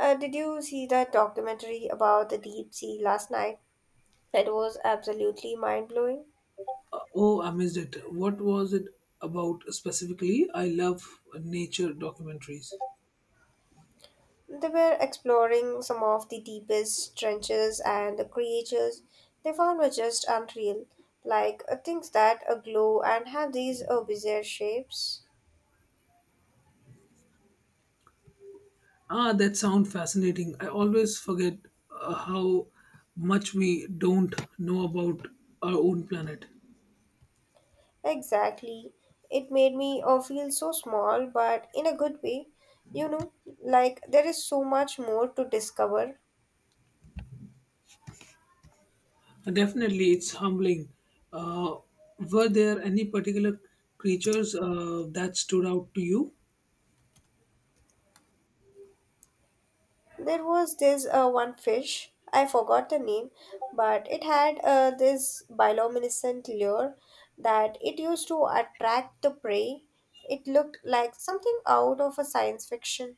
Did you see that documentary about the deep sea last night? It was absolutely mind blowing. Oh, I missed it. What was it about specifically? I love nature documentaries. They were exploring some of the deepest trenches, and the creatures they found were just unreal, like things that glow and have these bizarre shapes. Ah, that sounds fascinating. I always forget how much we don't know about our own planet. Exactly. It made me feel so small, but in a good way. You know, like there is so much more to discover. Definitely, it's humbling. Uh, were there any particular creatures that stood out to you? There was this one fish, I forgot the name, but it had this bioluminescent lure that it used to attract the prey. It looked like something out of a science fiction.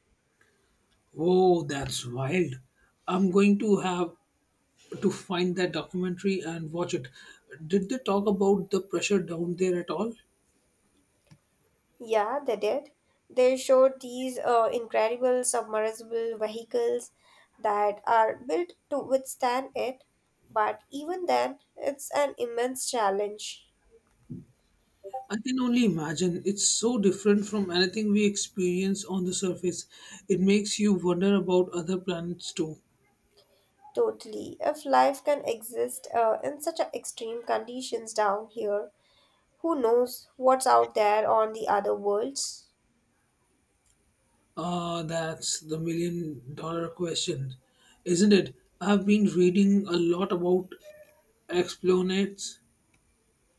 Oh, that's wild. I'm going to have to find that documentary and watch it. Did they talk about the pressure down there at all? Yeah, they did. They showed these incredible submersible vehicles that are built to withstand it, but even then, it's an immense challenge. I can only imagine. It's so different from anything we experience on the surface. It makes you wonder about other planets too. Totally. If life can exist in such a extreme conditions down here, who knows what's out there on the other worlds? That's the million dollar question, isn't it? I've been reading a lot about exoplanets,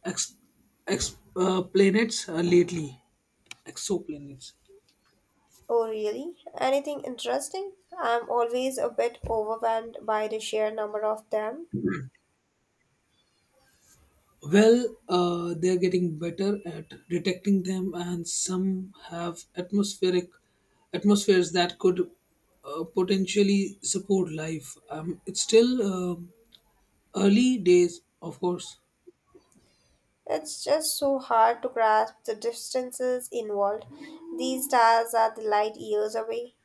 ex, ex, planets lately. Exoplanets. Oh, really? Anything interesting? I'm always a bit overwhelmed by the sheer number of them. Well, they're getting better at detecting them, and some have atmospheric atmospheres that could potentially support life. It's still um early days, of course. It's just so hard to grasp the distances involved. These stars are the light years away.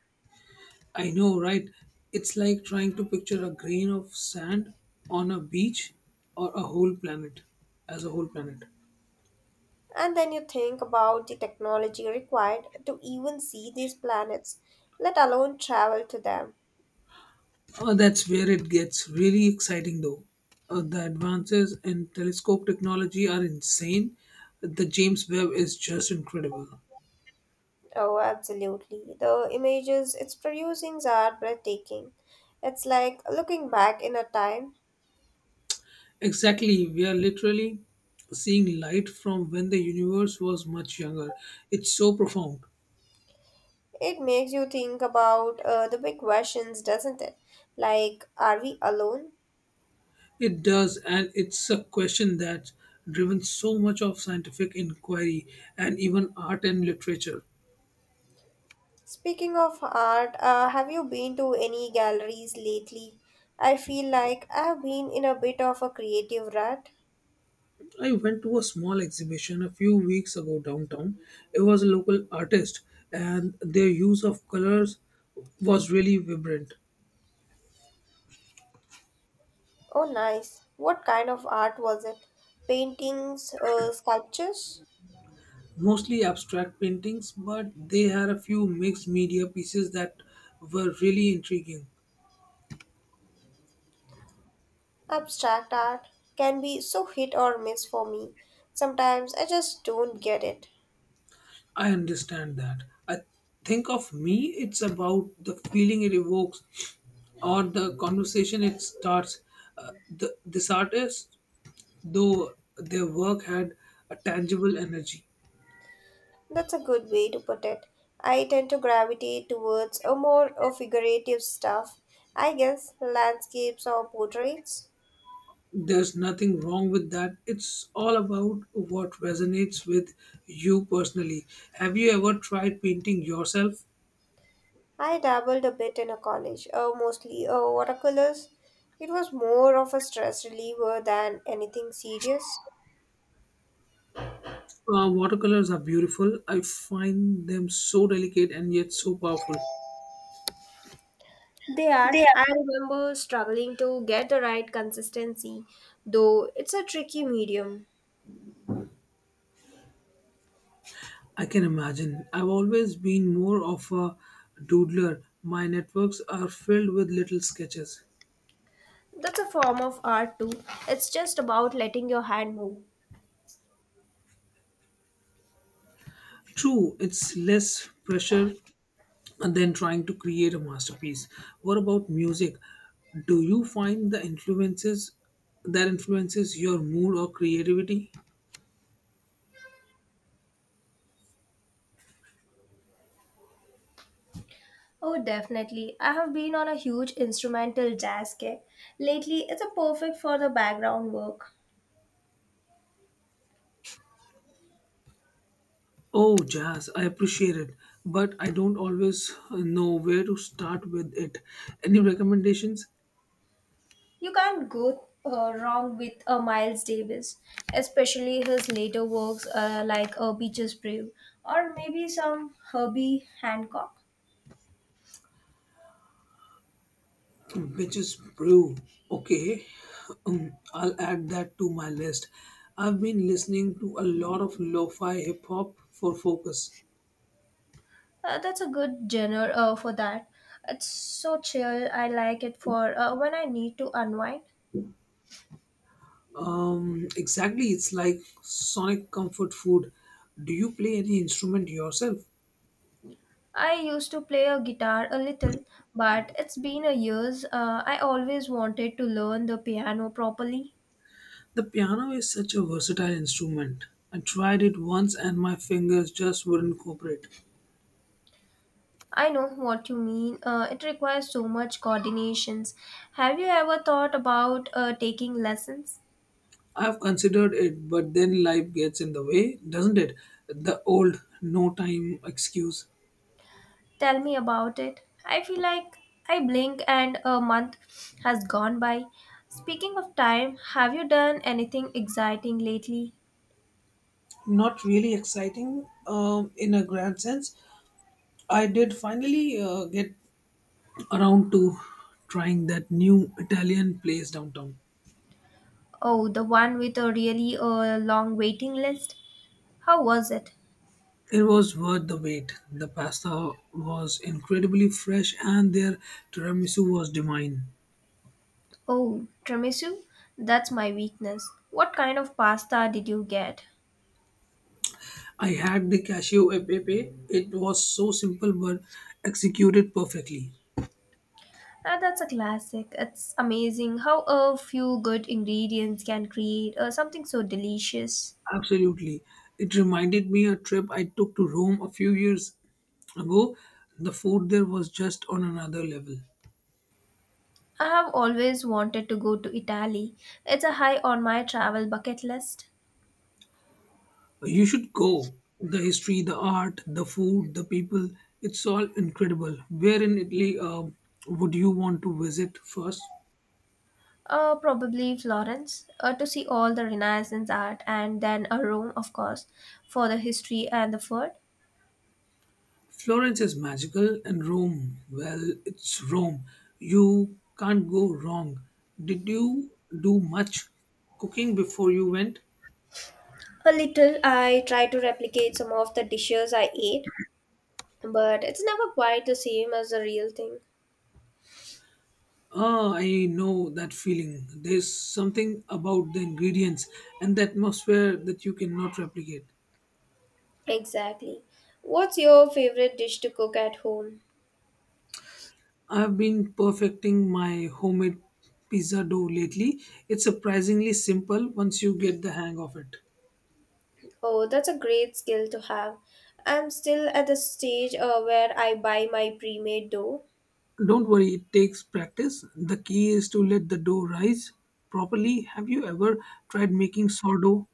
I know, right? It's like trying to picture a grain of sand on a beach or a whole planet. And then you think about the technology required to even see these planets, let alone travel to them. That's where it gets really exciting, though. The advances in telescope technology are insane. The James Webb is just incredible. Oh, absolutely. The images it's producing are breathtaking. It's like looking back in a time. Exactly, we are literally seeing light from when the universe was much younger. It's so profound. It makes you think about the big questions, doesn't it? Like, are we alone? It does, and it's a question that's driven so much of scientific inquiry and even art and literature. Speaking of art, have you been to any galleries lately? I feel like I have been in a bit of a creative rut. I went to a small exhibition a few weeks ago downtown. It was a local artist, and their use of colors was really vibrant. Oh, nice. What kind of art was it? Paintings, sculptures? Mostly abstract paintings, but they had a few mixed media pieces that were really intriguing. Abstract art can be so hit or miss for me. Sometimes I just don't get it. I understand that. I think of me, it's about the feeling it evokes or the conversation it starts. This artist, though, their work had a tangible energy. That's a good way to put it. I tend to gravitate towards a more figurative stuff, I guess, landscapes or portraits. There's nothing wrong with that. It's all about what resonates with you personally. Have you ever tried painting yourself? I dabbled a bit in a college, mostly watercolors. It was more of a stress reliever than anything serious. Watercolors are beautiful. I find them so delicate and yet so powerful. They are. They are. I remember struggling to get the right consistency, though it's a tricky medium. I can imagine. I've always been more of a doodler. My networks are filled with little sketches. That's a form of art too. It's just about letting your hand move. True, it's less pressure and then trying to create a masterpiece. What about music? Do you find the influences your mood or creativity? Oh, definitely. I have been on a huge instrumental jazz kick. Lately, it's a perfect for the background work. Oh, jazz, I appreciate it, but I don't always know where to start with it. Any recommendations? You can't go wrong with Miles Davis, especially his later works like Beaches Brave or maybe some Herbie Hancock. Bitches brew. Okay, I'll add that to my list. I've been listening to a lot of lo fi hip hop for focus. That's a good genre for that. It's so chill. I like it for when I need to unwind. Exactly, it's like sonic comfort food. Do you play any instrument yourself? I used to play a guitar a little, but it's been a years. I always wanted to learn the piano properly. The piano is such a versatile instrument. I tried it once and my fingers just wouldn't cooperate. I know what you mean. It requires so much coordinations. Have you ever thought about taking lessons? I've considered it, but then life gets in the way, doesn't it? The old no time excuse. Tell me about it. I feel like I blink and a month has gone by. Speaking of time, have you done anything exciting lately? Not really exciting, in a grand sense. I did finally get around to trying that new Italian place downtown. Oh, the one with a really long waiting list. How was it? It was worth the wait. The pasta was incredibly fresh and their tiramisu was divine. Oh, tiramisu? That's my weakness. What kind of pasta did you get? I had the cashew e pepe. It was so simple but executed perfectly. Ah, that's a classic. It's amazing how a few good ingredients can create something so delicious. Absolutely. It reminded me a trip I took to Rome a few years ago. The food there was just on another level. I have always wanted to go to Italy. It's a high on my travel bucket list. You should go. The history, the art, the food, the people, it's all incredible. Where in Italy would you want to visit first? Probably Florence to see all the Renaissance art, and then Rome, of course, for the history and the food. Florence is magical, and Rome, well, it's Rome. You can't go wrong. Did you do much cooking before you went? A little, I try to replicate some of the dishes I ate, but it's never quite the same as the real thing. Ah, I know that feeling. There's something about the ingredients and the atmosphere that you cannot replicate. Exactly. What's your favorite dish to cook at home? I've been perfecting my homemade pizza dough lately. It's surprisingly simple once you get the hang of it. Oh, that's a great skill to have. I'm still at the stage where I buy my pre made dough. Don't worry, it takes practice. The key is to let the dough rise properly. Have you ever tried making sourdough?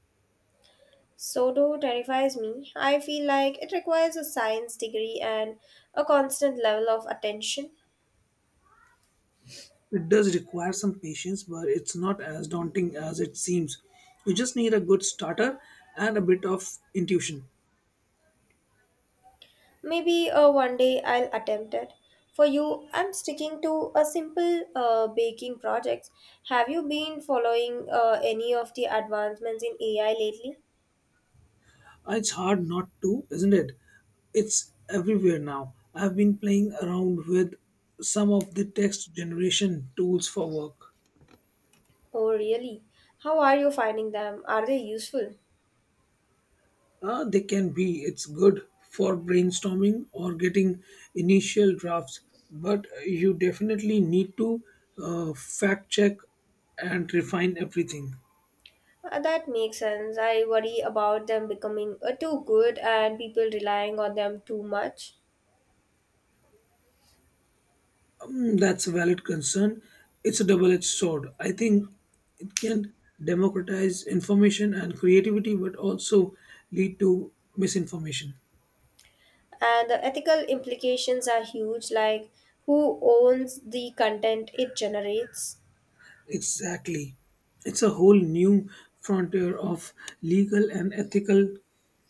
So, terrifies me. I feel like it requires a science degree and a constant level of attention. It does require some patience, but it's not as daunting as it seems. You just need a good starter and a bit of intuition. Maybe one day I'll attempt it. For you, I'm sticking to a simple baking project. Have you been following any of the advancements in AI lately? It's hard not to, isn't it? It's everywhere now. I've been playing around with some of the text generation tools for work. Oh, really? How are you finding them? Are they useful? They can be. It's good for brainstorming or getting initial drafts, but you definitely need to fact check and refine everything. That makes sense. I worry about them becoming too good and people relying on them too much. That's a valid concern. It's a double edged sword. I think it can democratize information and creativity, but also lead to misinformation. And the ethical implications are huge, like who owns the content it generates. Exactly. It's a whole new frontier of legal and ethical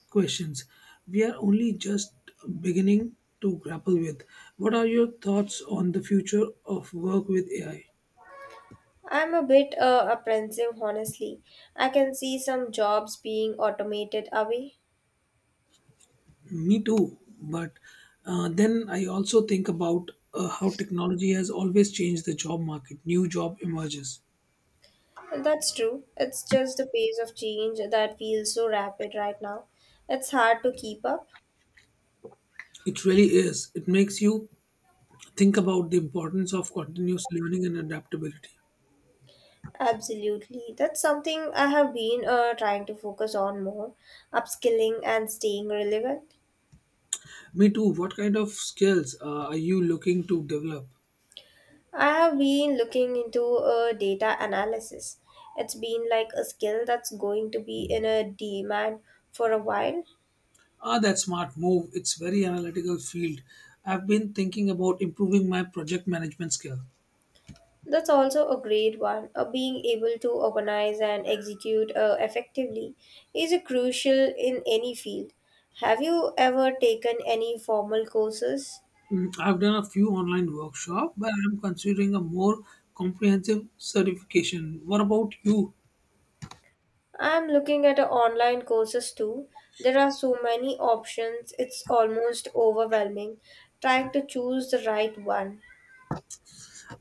questions we are only just beginning to grapple with. What are your thoughts on the future of work with AI? I'm a bit apprehensive, honestly. I can see some jobs being automated away. Me too, but then I also think about how technology has always changed the job market. New job emerges. That's true. It's just the pace of change that feels so rapid right now. It's hard to keep up. It really is. It makes you think about the importance of continuous learning and adaptability. Absolutely. That's something I have been trying to focus on more upskilling and staying relevant. Me too. What kind of skills are you looking to develop? I have been looking into data analysis. It's been like a skill that's going to be in a demand for a while. Ah, that smart move. It's very analytical field. I've been thinking about improving my project management skill. That's also a great one. Being able to organize and execute effectively is a crucial in any field. Have you ever taken any formal courses? I've done a few online workshop, but I'm considering a more comprehensive certification. What about you? I'm looking at online courses too. There are so many options, it's almost overwhelming trying to choose the right one.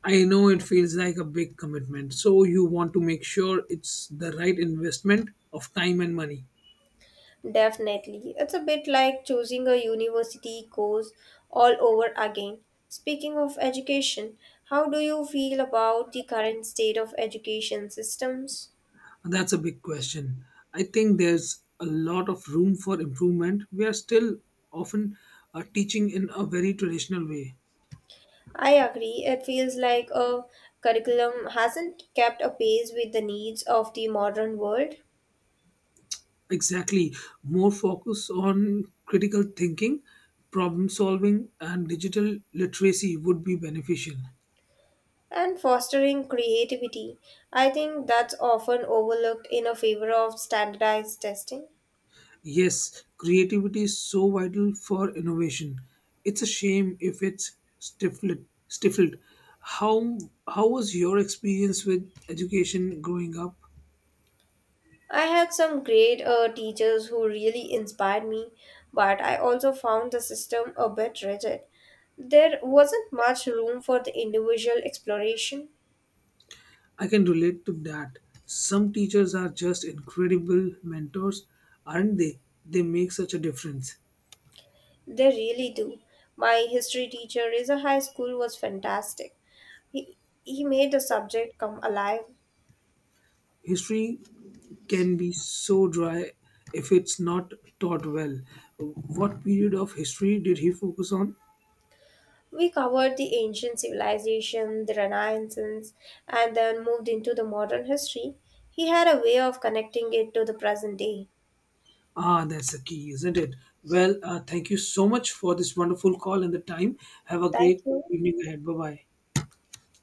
I know it feels like a big commitment, so you want to make sure it's the right investment of time and money. Definitely. It's a bit like choosing a university course all over again. Speaking of education, how do you feel about the current state of education systems? That's a big question. I think there's a lot of room for improvement. We are still often teaching in a very traditional way. I agree. It feels like a curriculum hasn't kept a pace with the needs of the modern world. Exactly. More focus on critical thinking, problem solving, and digital literacy would be beneficial. And fostering creativity. I think that's often overlooked in a favor of standardized testing. Yes, creativity is so vital for innovation. It's a shame if it's stifled. How, how was your experience with education growing up? I had some great teachers who really inspired me, but I also found the system a bit rigid. There wasn't much room for the individual exploration. I can relate to that. Some teachers are just incredible mentors, aren't they? They make such a difference. They really do. My history teacher in a high school was fantastic. He, he made the subject come alive. History can be so dry if it's not taught well. What period of history did he focus on? We covered the ancient civilization, the Renaissance, and then moved into the modern history. He had a way of connecting it to the present day. Ah, that's the key, isn't it? Well, thank you so much for this wonderful call and the time. Have a Thank great you. evening ahead. Bye bye.